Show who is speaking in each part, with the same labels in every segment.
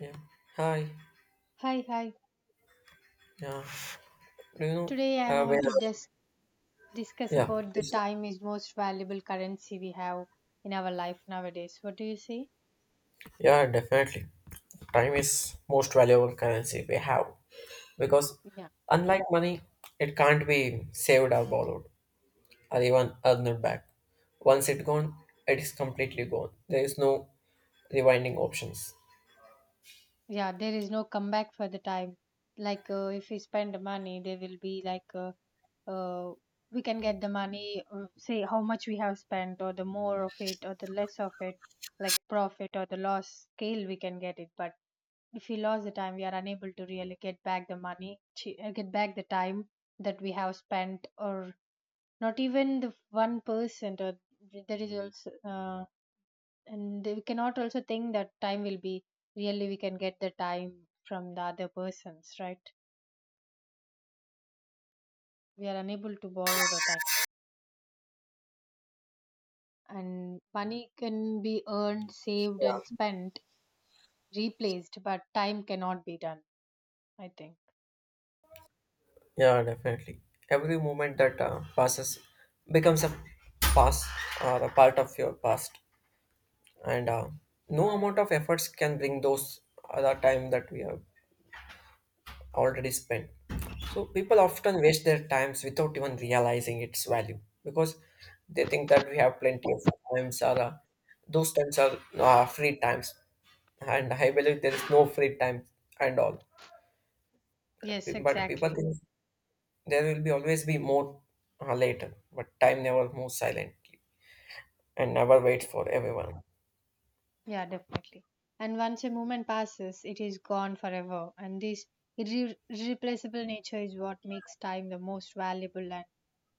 Speaker 1: Yeah. Hi.
Speaker 2: Hi, hi.
Speaker 1: Yeah. Do you know?
Speaker 2: Today I
Speaker 1: Uh, when,
Speaker 2: want to discuss
Speaker 1: yeah.
Speaker 2: about the
Speaker 1: This,
Speaker 2: time is most valuable currency we have in our life nowadays. What do you say?
Speaker 1: yeah. Definitely. Time is most valuable currency we have because,
Speaker 2: Yeah,
Speaker 1: unlike money, it can't be saved or borrowed or even earned back. Once it gone, it is completely gone. There is no rewinding options.
Speaker 2: Yeah, there is no comeback for the time. Like if we spend the money, there will be like uh, we can get the money, say how much we have spent, or the more of it, or the less of it, like profit or the loss scale, we can get it. But if we lost the time, we are unable to really get back the money, get back the time that we have spent, or not even the 1%, or there is also and we cannot also think that time will be really we can get the time from the other persons, right? We are unable to borrow the time, and money can be earned, saved and spent, replaced, but time cannot be done, I think.
Speaker 1: Yeah. Definitely. Every moment that passes becomes a past or a part of your past, and no amount of efforts can bring those other time that we have already spent. So people often waste their times without even realizing its value because they think that we have plenty of times or those times are free times. And I believe there is no free time and all.
Speaker 2: Yes,
Speaker 1: But people
Speaker 2: exactly.
Speaker 1: think there will be always be more later. But time never moves silently and never waits
Speaker 2: J-
Speaker 1: for everyone.
Speaker 2: yeah, definitely. And once a moment passes it is gone forever, and this irreplaceable nature is what makes time the most valuable and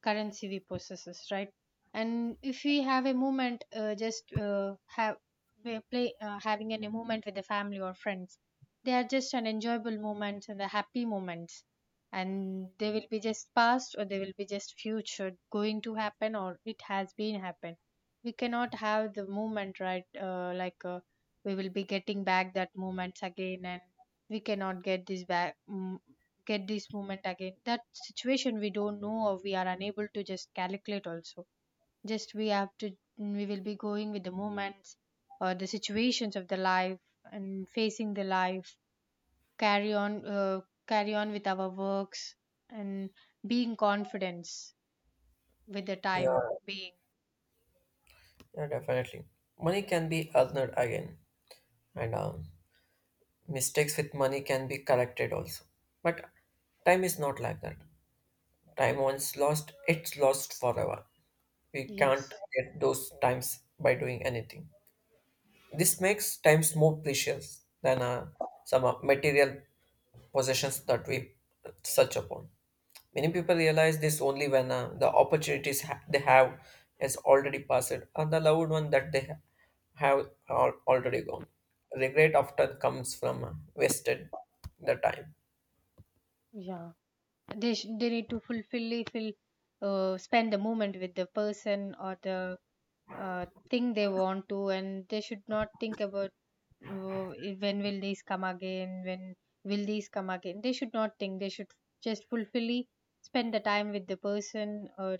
Speaker 2: currency we possesses, right? And if we have a moment, just have we play having a moment with the family or friends, they are just an enjoyable moments and the happy moments, and they will be just past or they will be just future going to happen or it has been happened. We cannot have the moment, right? Uh, like we will be getting back that moments again, and we cannot get this back, get this moment again. That situation we don't know, or we are unable to just calculate also. Just we have to, we will be going with the moments or the situations of the life and facing the life, carry on, carry on with our works and being confidence with the
Speaker 1: Yeah,
Speaker 2: time being.
Speaker 1: yeah, definitely. Money can be earned again, and mistakes with money can be corrected also. But time is not like that. Time once lost, it's lost forever. We can't
Speaker 2: Yes.
Speaker 1: get those times by doing anything. This makes times more precious than some material possessions that we search upon. Many people realize this only when the opportunities they have has already passed or the loved one that they have are already gone. Regret often comes from wasted the time.
Speaker 2: Yeah. They they need to fulfill fill, spend the moment with the person or the thing they want to, and they should not think about, oh, eh, when will these come again? When will these come again? They should not think. They should just fulfilly spend the time with the person, or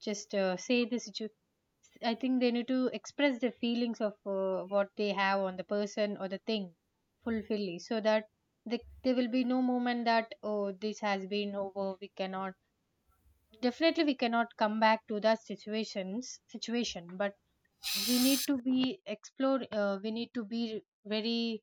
Speaker 2: just say the situation. I think they need to express the feelings of what they have on the person or the thing fulfilly, so that there will be no moment that, oh, this has been over. We cannot, definitely, we cannot come back to that situation, but we need to be explore, we need to be very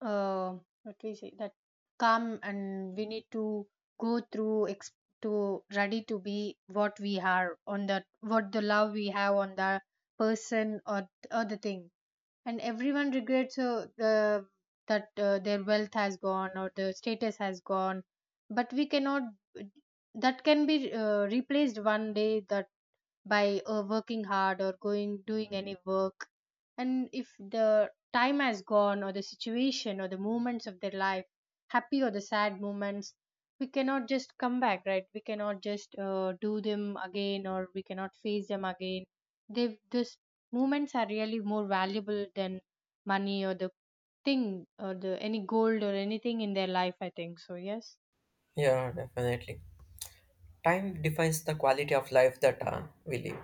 Speaker 2: uh, what we say, that come, and we need to go through to ready to be what we are on that, what the love we have on the person, or the thing. And everyone regrets the that their wealth has gone or the status has gone, but we cannot, that can be replaced one day, that by working hard or going doing any work. And if the time has gone or the situation or the moments of their life, happy or the sad moments, we cannot just come back, right? We cannot just do them again, or we cannot face them again. They, this moments are really more valuable than money or the thing or the any gold or anything in their life, I think so. Yes.
Speaker 1: Yeah, definitely. Time defines the quality of life that we live.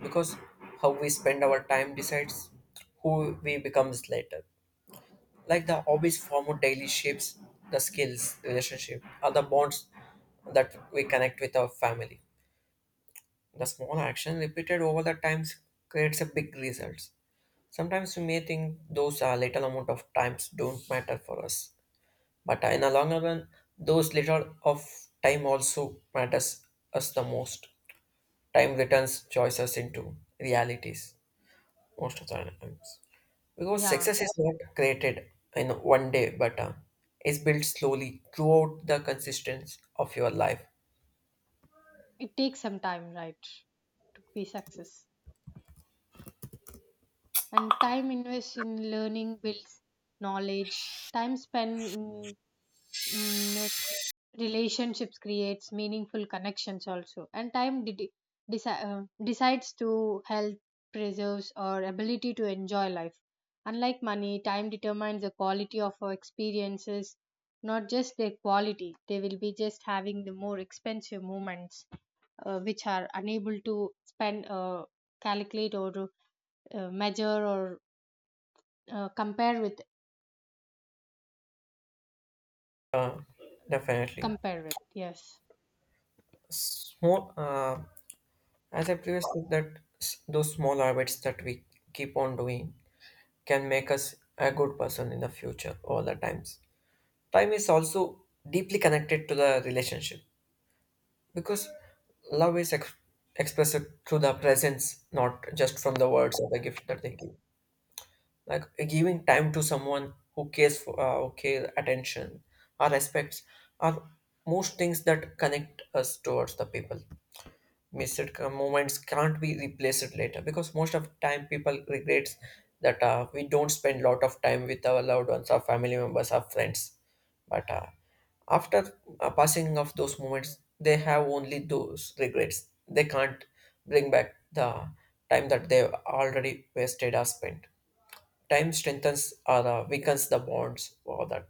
Speaker 1: Because how we spend our time decides who we becomes later. Like the hobbies formed daily shapes the skills, relationship, or the bonds that we connect with our family. The small action repeated over the times creates a big results. Sometimes we may think those are little amount of times don't matter for us, but in the longer run, those little of time also matters us the most. Time returns choices into realities most of the times. Because
Speaker 2: Yeah.
Speaker 1: success is not created in one day, but is built slowly throughout the consistency of your life.
Speaker 2: It takes some time, right, to be success. And time invested in learning builds knowledge, time spent in mm, relationships creates meaningful connections also, and time deci- uh, decides to health, preserves or ability to enjoy life. Unlike money, time determines the quality of our experiences, not just their quality. They will be just having the more expensive moments, which are unable to spend, calculate or to, measure or compare with,
Speaker 1: Uh, Definitely.
Speaker 2: yes.
Speaker 1: Small, uh, as I previously said, that those small habits that we keep on doing can make us a good person in the future all the times. Time is also deeply connected to the relationship because love is expressed through the presence, not just from the words or the gift that they give. Like giving time to someone who cares for who care attention or respects are most things that connect us towards the people. Missed moments can't be replaced later because most of time people regrets that we don't spend lot of time with our loved ones, our family members, our friends. But after passing of those moments, they have only those regrets. They can't bring back the time that they've already wasted or spent. Time strengthens or weakens the bonds for that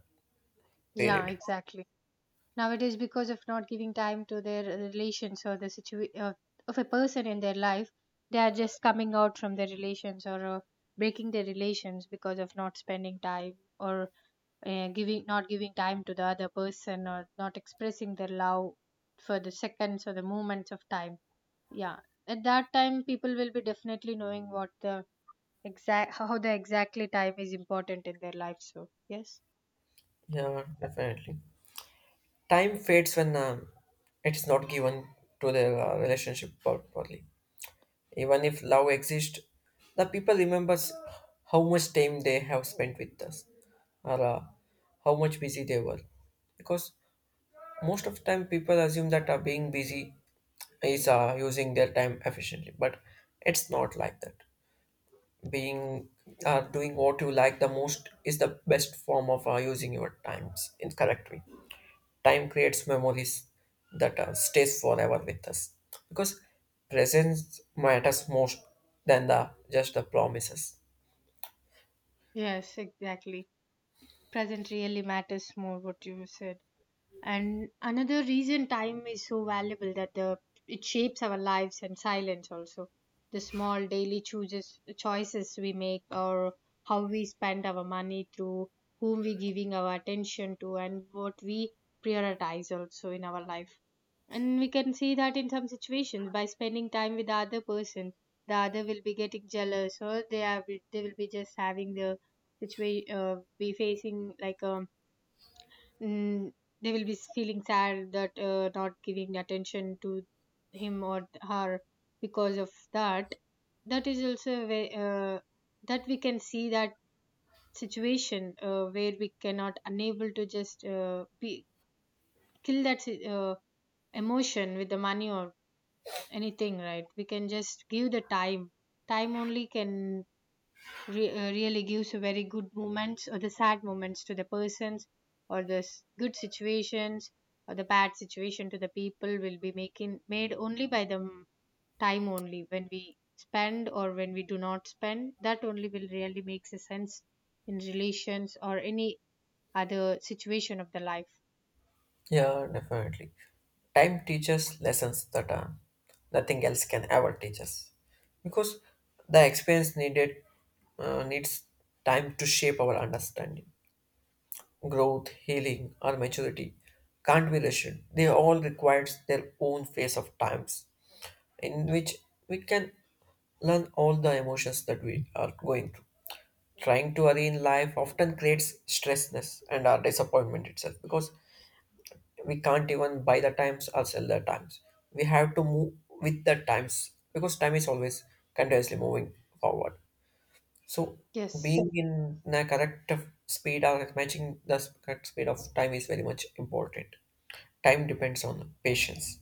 Speaker 2: Yeah,
Speaker 1: period.
Speaker 2: exactly. Nowadays, because of not giving time to their relations or the situation of a person in their life, they are just coming out from their relations or breaking their relations because of not spending time, or giving not giving time to the other person, or not expressing their love for the seconds or the moments of time. Yeah, at that time people will be definitely knowing what the exact, how the exactly time is important in their life. So, yes.
Speaker 1: Yeah, definitely. Time fades when it is not given to the relationship properly. Even if love exists, the people remembers how much time they have spent with us or how much busy they were. Because most of the time people assume that being busy is using their time efficiently, but it's not like that. Being doing what you like the most is the best form of using your times in correct way. Time creates memories that stays forever with us because presence matters most than the just the promises.
Speaker 2: Yes, exactly. Present really matters more, what you said. And another reason time is so valuable, that the it shapes our lives and silence also, the small daily chooses choices we make, or how we spend our money, through whom we giving our attention to, and what we prioritize also in our life. And we can see that in some situations, by spending time with the other person, the other will be getting jealous, or they are, they will be just having the situation, be facing like mm, they will be feeling sad that not giving attention to him or her. Because of that, that is also a way that we can see that situation where we cannot unable to just be kill that emotion with the money or anything, right? We can just give the time. Time only can really gives a very good moments or the sad moments to the persons, or the good situations or the bad situation to the people, will be making made only by the time only. When we spend or when we do not spend, that only will really makes a sense in relations or any other situation of the life.
Speaker 1: Yeah, definitely. Time teaches lessons that nothing else can ever teach us because the experience needed needs time to shape our understanding. Growth, healing, or maturity can't be rushed. They all require their own phase of times in which we can learn all the emotions that we are going through. Trying to hurry in life often creates stressness and our disappointment itself because we can't even buy the times or sell the times. We have to move with the times because time is always continuously moving forward. So
Speaker 2: Yes.
Speaker 1: being in the correct of speed or matching the correct speed of time is very much important. Time depends on patience.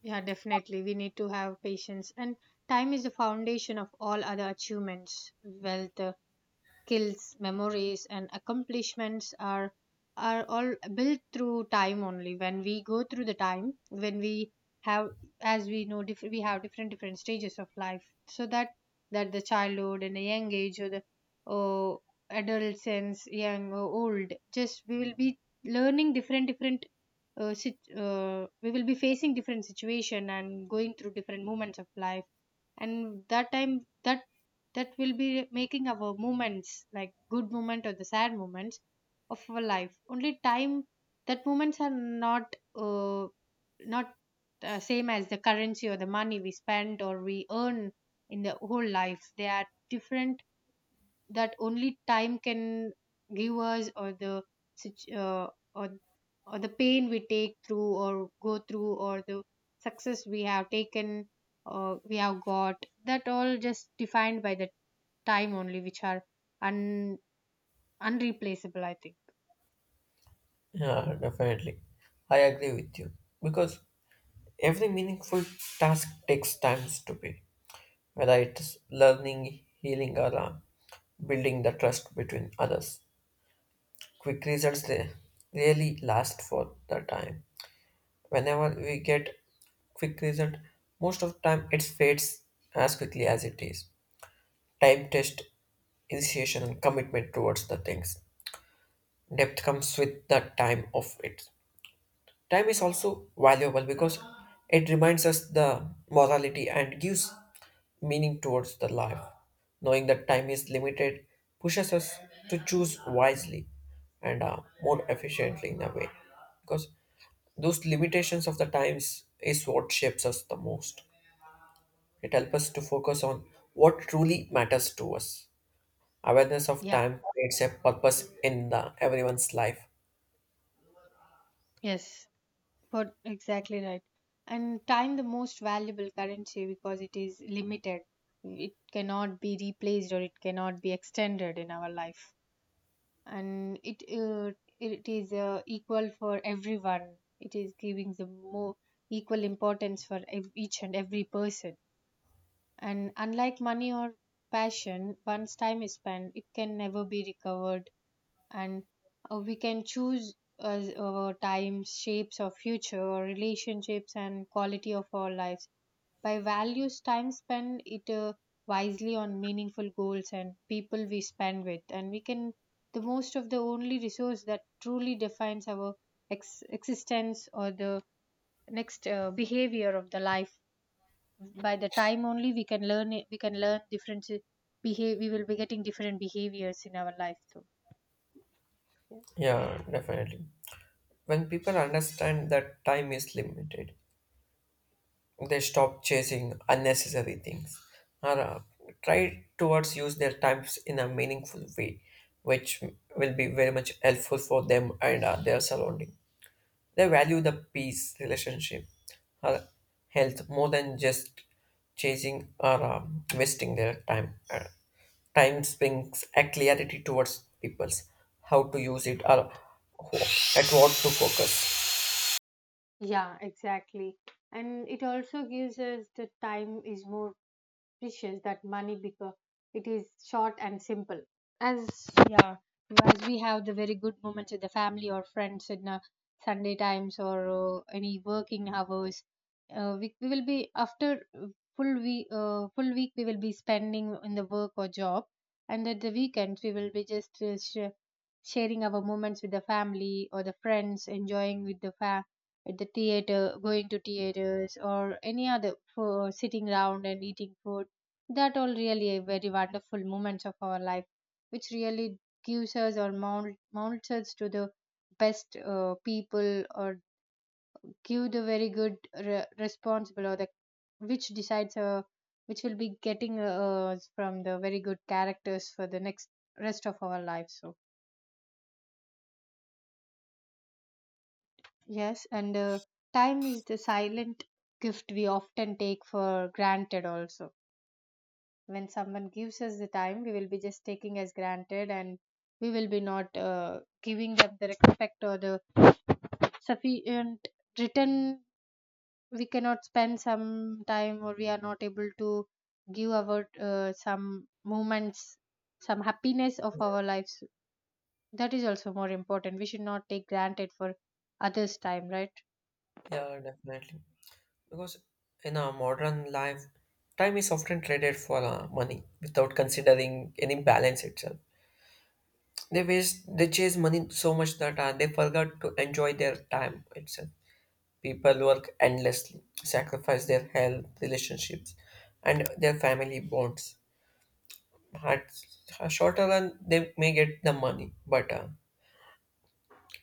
Speaker 2: Yeah, definitely we need to have patience. And time is the foundation of all other achievements. Wealth, skills, memories, and accomplishments are all built through time only. When we go through the time, when we have, as we know, we have different different stages of life. So that that the childhood and a young age or the or adolescence, young or old, just we will be learning different different. We will be facing different situation and going through different moments of life, and that time, that that will be making our moments like good moment or the sad moments of our life only time. That moments are not not same as the currency or the money we spend or we earn in the whole life, they are different. That only time can give us, or the situ- uh, or or the pain we take through or go through, or the success we have taken or we have got, that all just defined by the time only, which are un unreplaceable, I think.
Speaker 1: Yeah, definitely. I agree with you because every meaningful task takes time to be, whether it's learning, healing, or building the trust between others. Quick results they really last for the time. Whenever we get quick result, most of the time it fades as quickly as it is. Time test initiation and commitment towards the things. Depth comes with the time of it. Time is also valuable because it reminds us the morality and gives meaning towards the life. Knowing that time is limited pushes us to choose wisely and more efficiently in a way because those limitations of the times is what shapes us the most. It helps us to focus on what truly matters to us. Awareness of
Speaker 2: Yeah.
Speaker 1: time creates a purpose in the everyone's life.
Speaker 2: Yes. But exactly, right? And time the most valuable currency because it is limited, it cannot be replaced or it cannot be extended in our life. And it it is equal for everyone, it is giving the more equal importance for each and every person. And unlike money or passion, once time is spent it can never be recovered. And we can choose, as our time shapes of future, our relationships and quality of our lives, by values time spent, it wisely on meaningful goals and people we spend with. And we can the most of the only resource that truly defines our existence, or the next behavior of the life. By the time only we can learn it, we can learn different behave, we will be getting different behaviors in our life too. Yes.
Speaker 1: Yeah, definitely. When people understand that time is limited, they stop chasing unnecessary things or try towards use their times in a meaningful way, which will be very much helpful for them and their surrounding. They value the peace, relationship, her health more than just chasing or wasting their time. Time brings a clarity towards people's how to use it or who- at what to focus.
Speaker 2: Yeah, exactly. And it also gives us the time is more precious that money because it is short and simple as, yeah, as we have the very good moments with the family or friends in Sunday times or any working hours. We will be after full week, full week we will be spending in the work or job, and at the weekends we will be just sharing our moments with the family or the friends, enjoying with at the theater, going to theaters or any other for sitting around and eating food. That all really a very wonderful moments of our life, which really gives us or mounts us to the best people, or give the very good responsible, or the which decides which will be getting us from the very good characters for the next rest of our life. So yes, and time is the silent gift we often take for granted also. When someone gives us the time, we will be just taking as granted and we will be not giving them the respect or the sufficient return. We cannot spend some time or we are not able to give our some moments, some happiness of
Speaker 1: Yeah,
Speaker 2: our lives. That is also more important. We should not take granted for others time, right?
Speaker 1: yeah, definitely. Because in our modern life, time is often traded for money without considering any balance itself. They chase money so much that they forgot to enjoy their time itself. People work endlessly, sacrifice their health, relationships, and their family bonds. At a shorter run, they may get the money, but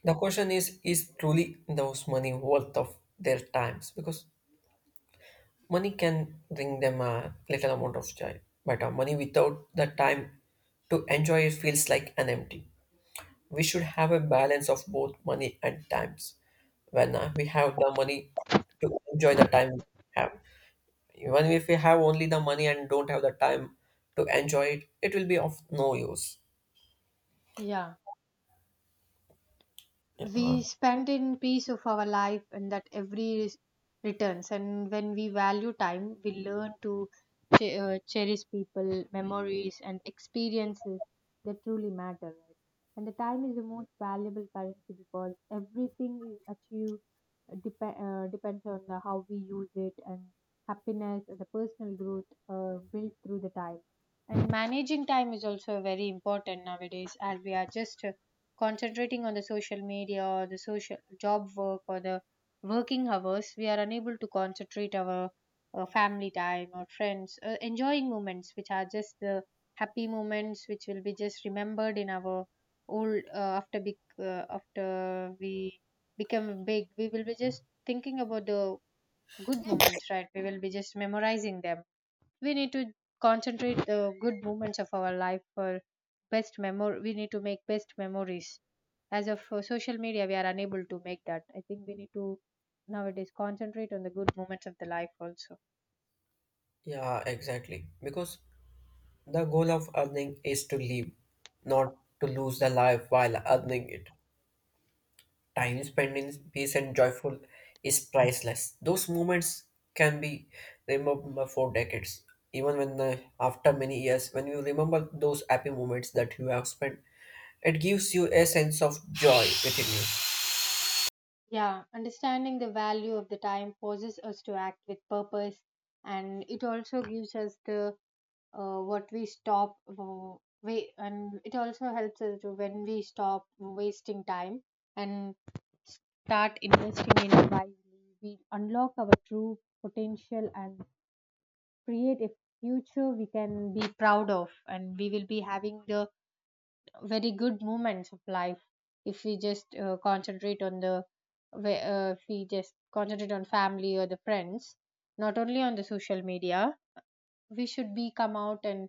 Speaker 1: the question is truly those money worth of their times? Because money can bring them a little amount of joy, but money without the time to enjoy it feels like an empty. We should have a balance of both money and times. When we have the money to enjoy the time we have. Even if we have only the money and don't have the time to enjoy it, it will be of no use.
Speaker 2: Yeah,
Speaker 1: Yeah,
Speaker 2: we spend in peace of our life and that every returns. And when we value time, we learn to cherish people, memories and experiences that truly matter, right? And the time is the most valuable currency because everything is achieved depends on the how we use it. And happiness and the personal growth built through the time. And managing time is also very important nowadays, as we are just concentrating on the social media or the social job work or the working hours. We are unable to concentrate our family time or friends enjoying moments, which are just the happy moments which will be just remembered in our old, after big, after we become big, we will be just thinking about the good moments, right? We will be just memorizing them. We need to concentrate the good moments of our life for best memory. We need to make best memories. As of social media, we are unable to make that. I think we need to nowadays concentrate on the good moments of the life also.
Speaker 1: yeah, exactly. Because the goal of earning is to live, not to lose the life while earning it. Time spent in peace and joyful is priceless. Those moments can be remembered for decades. Even when after many years, when you remember those happy moments that you have spent, it gives you a sense of joy within
Speaker 2: Yeah, understanding the value of the time forces us to act with purpose. And it also gives us the what we stop we and it also helps us to, when we stop wasting time and start investing in it wisely, we unlock our true potential and create a future we can be proud of. And we will be having the very good moments of life if we just concentrate on if we just concentrate on family or the friends, not only on the social media. We should be come out and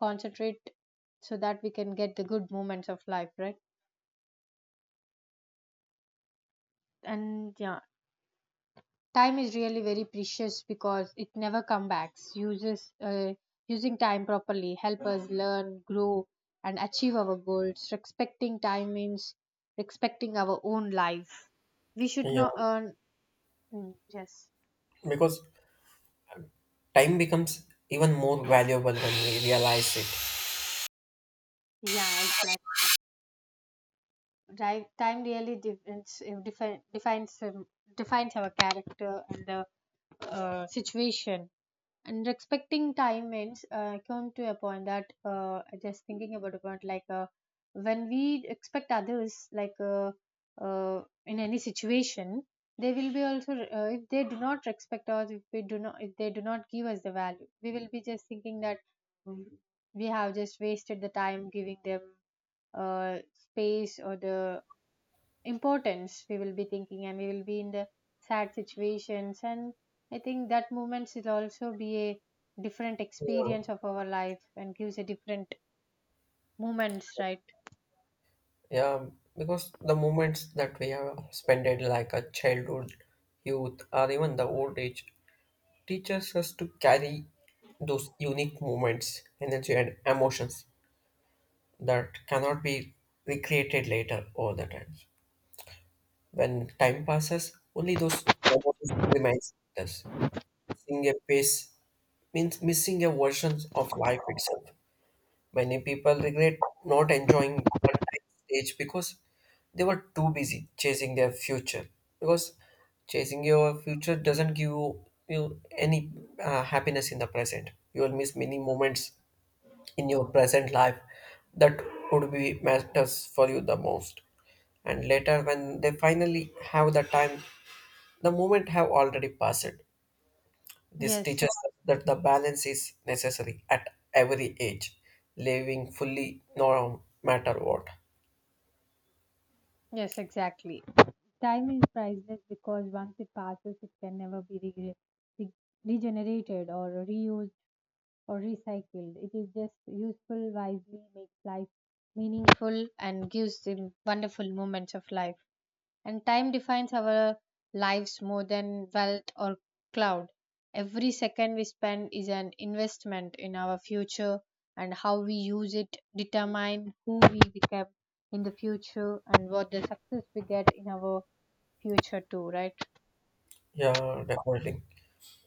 Speaker 2: concentrate so that we can get the good moments of life, right? And yeah, time is really very precious because it never comes back. Uses, using time properly help us learn, grow and achieve our goals. Respecting time means respecting our own life. We should
Speaker 1: you. Yeah,
Speaker 2: not earn. Mm, yes.
Speaker 1: because time becomes even more valuable when we realize it.
Speaker 2: Yeah, exactly. Right. Time really defines our character and the situation. And respecting time means, I come to a point that, just thinking about a point like, when we expect others, like, in any situation, they will be also, if they do not respect us, if they do not give us the value, we will be just thinking that, mm, we have just wasted the time giving them uh, space or the importance. We will be thinking and we will be in the sad situations. And I think that moments will also be a different
Speaker 1: Yeah,
Speaker 2: experience of our life and gives a different moments, right?
Speaker 1: yeah, because the moments that we have spent in like a childhood, youth, or even the old age teaches us to carry those unique moments, energy, and emotions that cannot be recreated later all the time. When time passes, only those memories remains with us. Missing a pace means missing a version of life itself. Many people regret not enjoying contact stage because they were too busy chasing their future. Because chasing your future doesn't give you any happiness in the present. You will miss many moments in your present life that would be matters for you the most. And later, when they finally have the time, the moment have already passed. This
Speaker 2: Yes.
Speaker 1: teaches us that the balance is necessary at every age, living fully no matter what.
Speaker 2: Yes, exactly. Time is priceless because once it passes, it can never be re- regenerated or reused or recycled. It is just useful wisely, makes life meaningful. And gives the wonderful moments of life. And time defines our lives more than wealth or cloud. Every second we spend is an investment in our future, and how we use it determine who we become in the future and what the success we get in our future too, right?
Speaker 1: Yeah, definitely.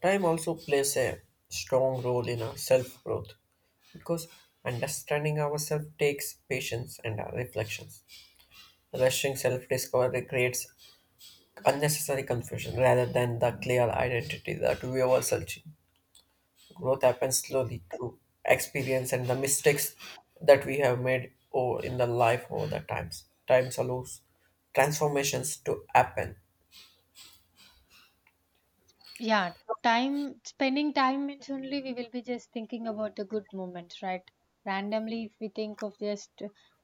Speaker 1: Time also plays a strong role in our self growth because understanding ourselves takes patience and reflections. Rushing self discovery creates unnecessary confusion rather than the clear identity that we were searching. Growth happens slowly through experience and the mistakes that we have made over in the life over the times. Times allows transformations to happen.
Speaker 2: Yeah, time spending time means only we will be just thinking about the good moments, right? Randomly, if we think of just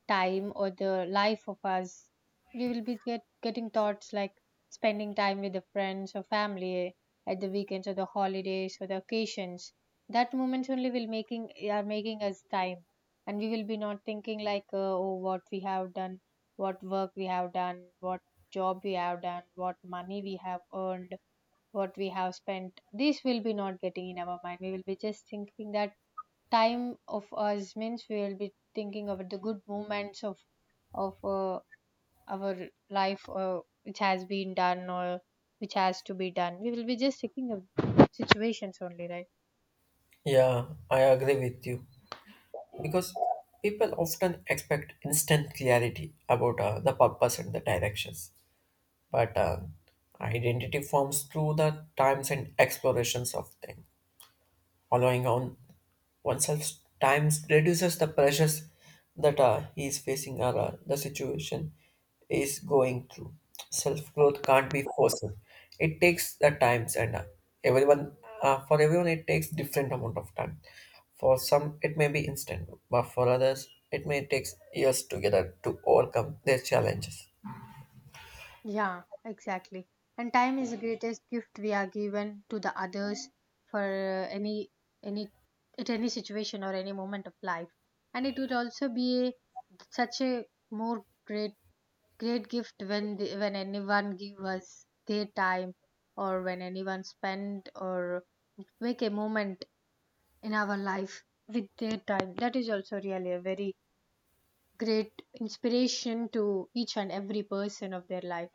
Speaker 2: time or the life of us, we will be getting thoughts like spending time with the friends or family at the weekends or the holidays or the occasions. That moments only will making are making us time, and we will be not thinking like, oh, what we have done, what work we have done, what job we have done, what money we have earned, what we have spent. This will be not getting in our mind. We will be just thinking that time of us means we will be thinking of the good moments of of uh, our life, which has been done or which has to be done. We will be just thinking of situations only, right?
Speaker 1: Yeah, I agree with you because people often expect instant clarity about the purpose and the directions. But identity forms through the times and explorations of things allowing on oneself. Times reduces the pressures that he is facing or the situation is going through. Self growth can't be forced. It takes the times and everyone, for everyone it takes different amount of time. For some it may be instant, but for others it may take years together to overcome their challenges.
Speaker 2: Yeah, exactly. And time is the greatest gift we are given to the others for any at any situation or any moment of life. And it would also be such a more great great gift when when anyone give us their time or when anyone spend or make a moment in our life with their time. That is also really a very great inspiration to each and every person of their life.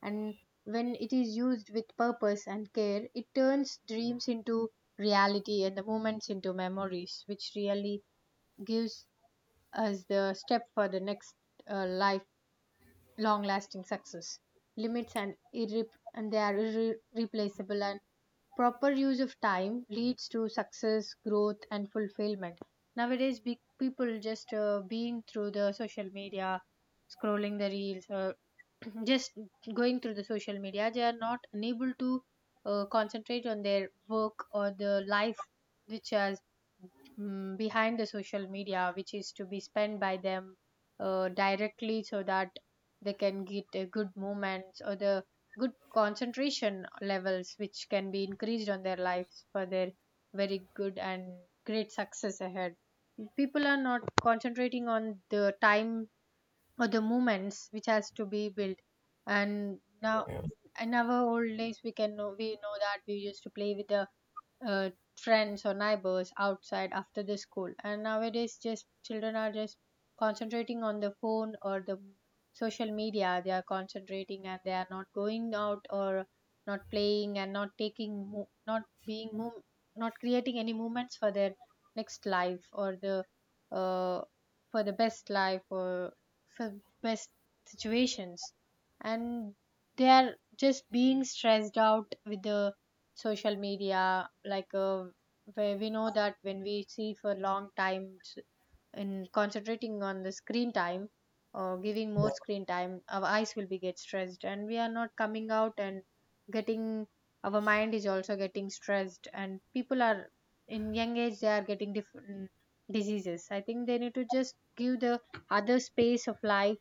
Speaker 2: And when it is used with purpose and care, it turns dreams into reality and the moments into memories, which really gives us the step for the next, life long lasting success limits and they are irreplaceable. And proper use of time leads to success, growth, and fulfillment. Nowadays, big people just being through the social media, scrolling the reels, or just going through the social media, they are not unable to concentrate on their work or the life which has, mm, behind the social media, which is to be spent by them directly, so that they can get good moments or the good concentration levels which can be increased on their lives for their very good and great success ahead. People are not concentrating on the time or the moments which has to be built. And now,
Speaker 1: Yeah,
Speaker 2: in our old days, we can know, we know that we used to play with the uh, friends or neighbors outside after the school. And nowadays just children are just concentrating on the phone or the social media. They are concentrating and they are not going out or not playing and not taking not creating any movements for their next life, or the, uh, for the best life or for best situations. And they are just being stressed out with the social media, like, where we know that when we see for long time in concentrating on the screen time, or giving
Speaker 1: yeah,
Speaker 2: more screen time, our eyes will be get stressed and we are not coming out and getting, our mind is also getting stressed. And people are in young age, they are getting different diseases. I think they need to just give the other space of life,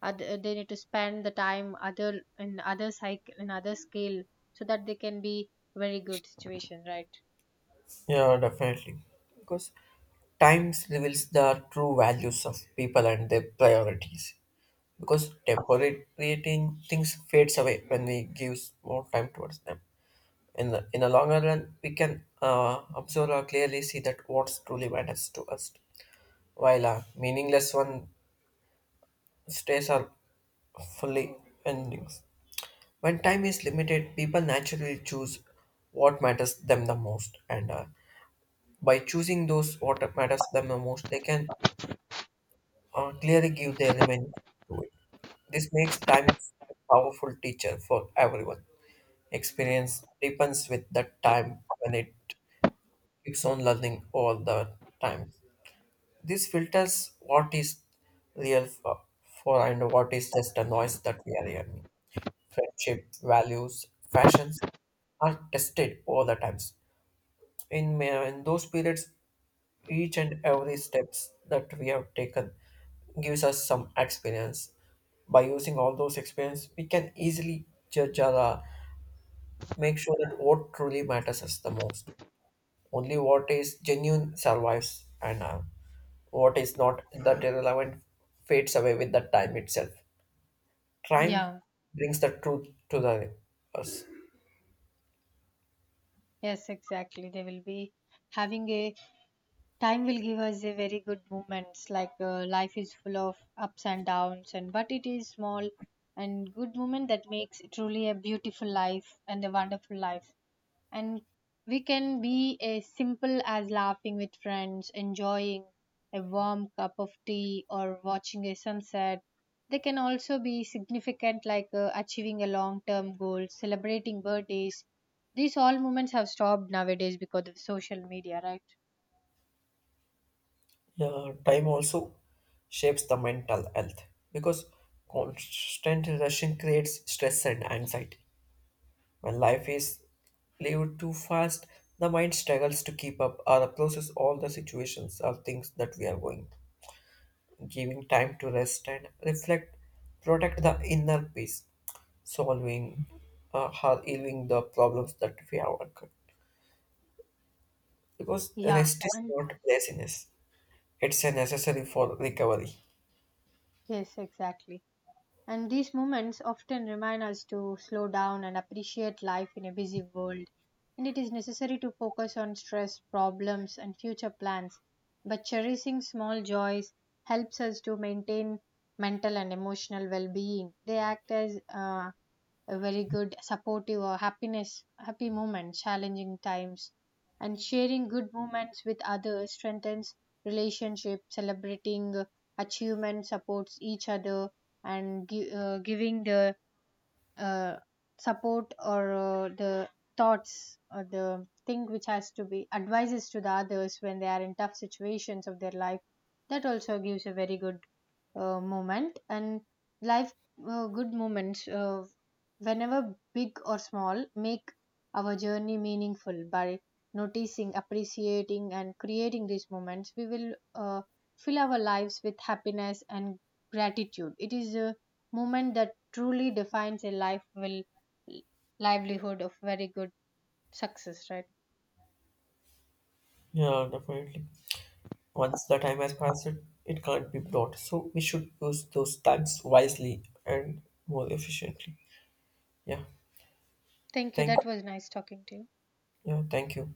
Speaker 2: other, they need to spend the time other in other cycle, in other skill, so that they can be very good situation, right?
Speaker 1: yeah, definitely. Because times reveals the true values of people and their priorities. Because decorating things fades away when we give more time towards them. In the longer run, we can observe or clearly see that what truly matters to us, while a meaningless one stays are fully endings. When time is limited, people naturally choose what matters them the most, and by choosing those what matters them the most, they can clearly give their remaining to it. This makes time a powerful teacher for everyone. Experience deepens with the time when it keeps on learning all the time. This filters what is real for and what is just a noise that we are hearing. Friendship, values, fashions are tested all the times. In those periods, each and every steps that we have taken gives us some experience. By using all those experience, we can easily judge or make sure that what truly matters us the most. Only what is genuine survives, and what is not that irrelevant fades away with the time itself. Time
Speaker 2: Yeah.
Speaker 1: brings the truth to the us.
Speaker 2: Yes, exactly. They will be having a time, will give us a very good moments, like, life is full of ups and downs, and but it is small and good moment that makes truly a beautiful life and a wonderful life. And we can be as simple as laughing with friends, enjoying a warm cup of tea, or watching a sunset. They can also be significant, like, achieving a long term goal, celebrating birthdays. These all moments have stopped nowadays because of social media, right?
Speaker 1: Yeah, time also shapes the mental health because constant rushing creates stress and anxiety. When life is lived too fast, the mind struggles to keep up or process all the situations or things that we are going. Giving time to rest and reflect, protect the inner peace, solving, healing the problems that we have occurred. Because
Speaker 2: Yeah,
Speaker 1: rest is
Speaker 2: and
Speaker 1: not laziness; it's a necessary for recovery.
Speaker 2: yes, exactly. And these moments often remind us to slow down and appreciate life in a busy world. And it is necessary to focus on stress, problems, and future plans. But cherishing small joys helps us to maintain mental and emotional well being. They act as, a very good supportive or happiness happy moments, challenging times. And sharing good moments with others strengthens relationship, celebrating achievement, supports each other. And giving the uh, support or the thoughts or the thing which has to be advices to the others when they are in tough situations of their life, that also gives a very good moment and life. Good moments, whenever big or small, make our journey meaningful. By noticing, appreciating and creating these moments, we will uh, fill our lives with happiness and gratitude. It is a moment that truly defines a life, will livelihood of very good success, right?
Speaker 1: Yeah, definitely. Once the time has passed, it can't be brought. So we should use those times wisely and more efficiently. Yeah.
Speaker 2: Thank you,
Speaker 1: Thank.
Speaker 2: that was nice talking to you.
Speaker 1: Yeah. Thank you.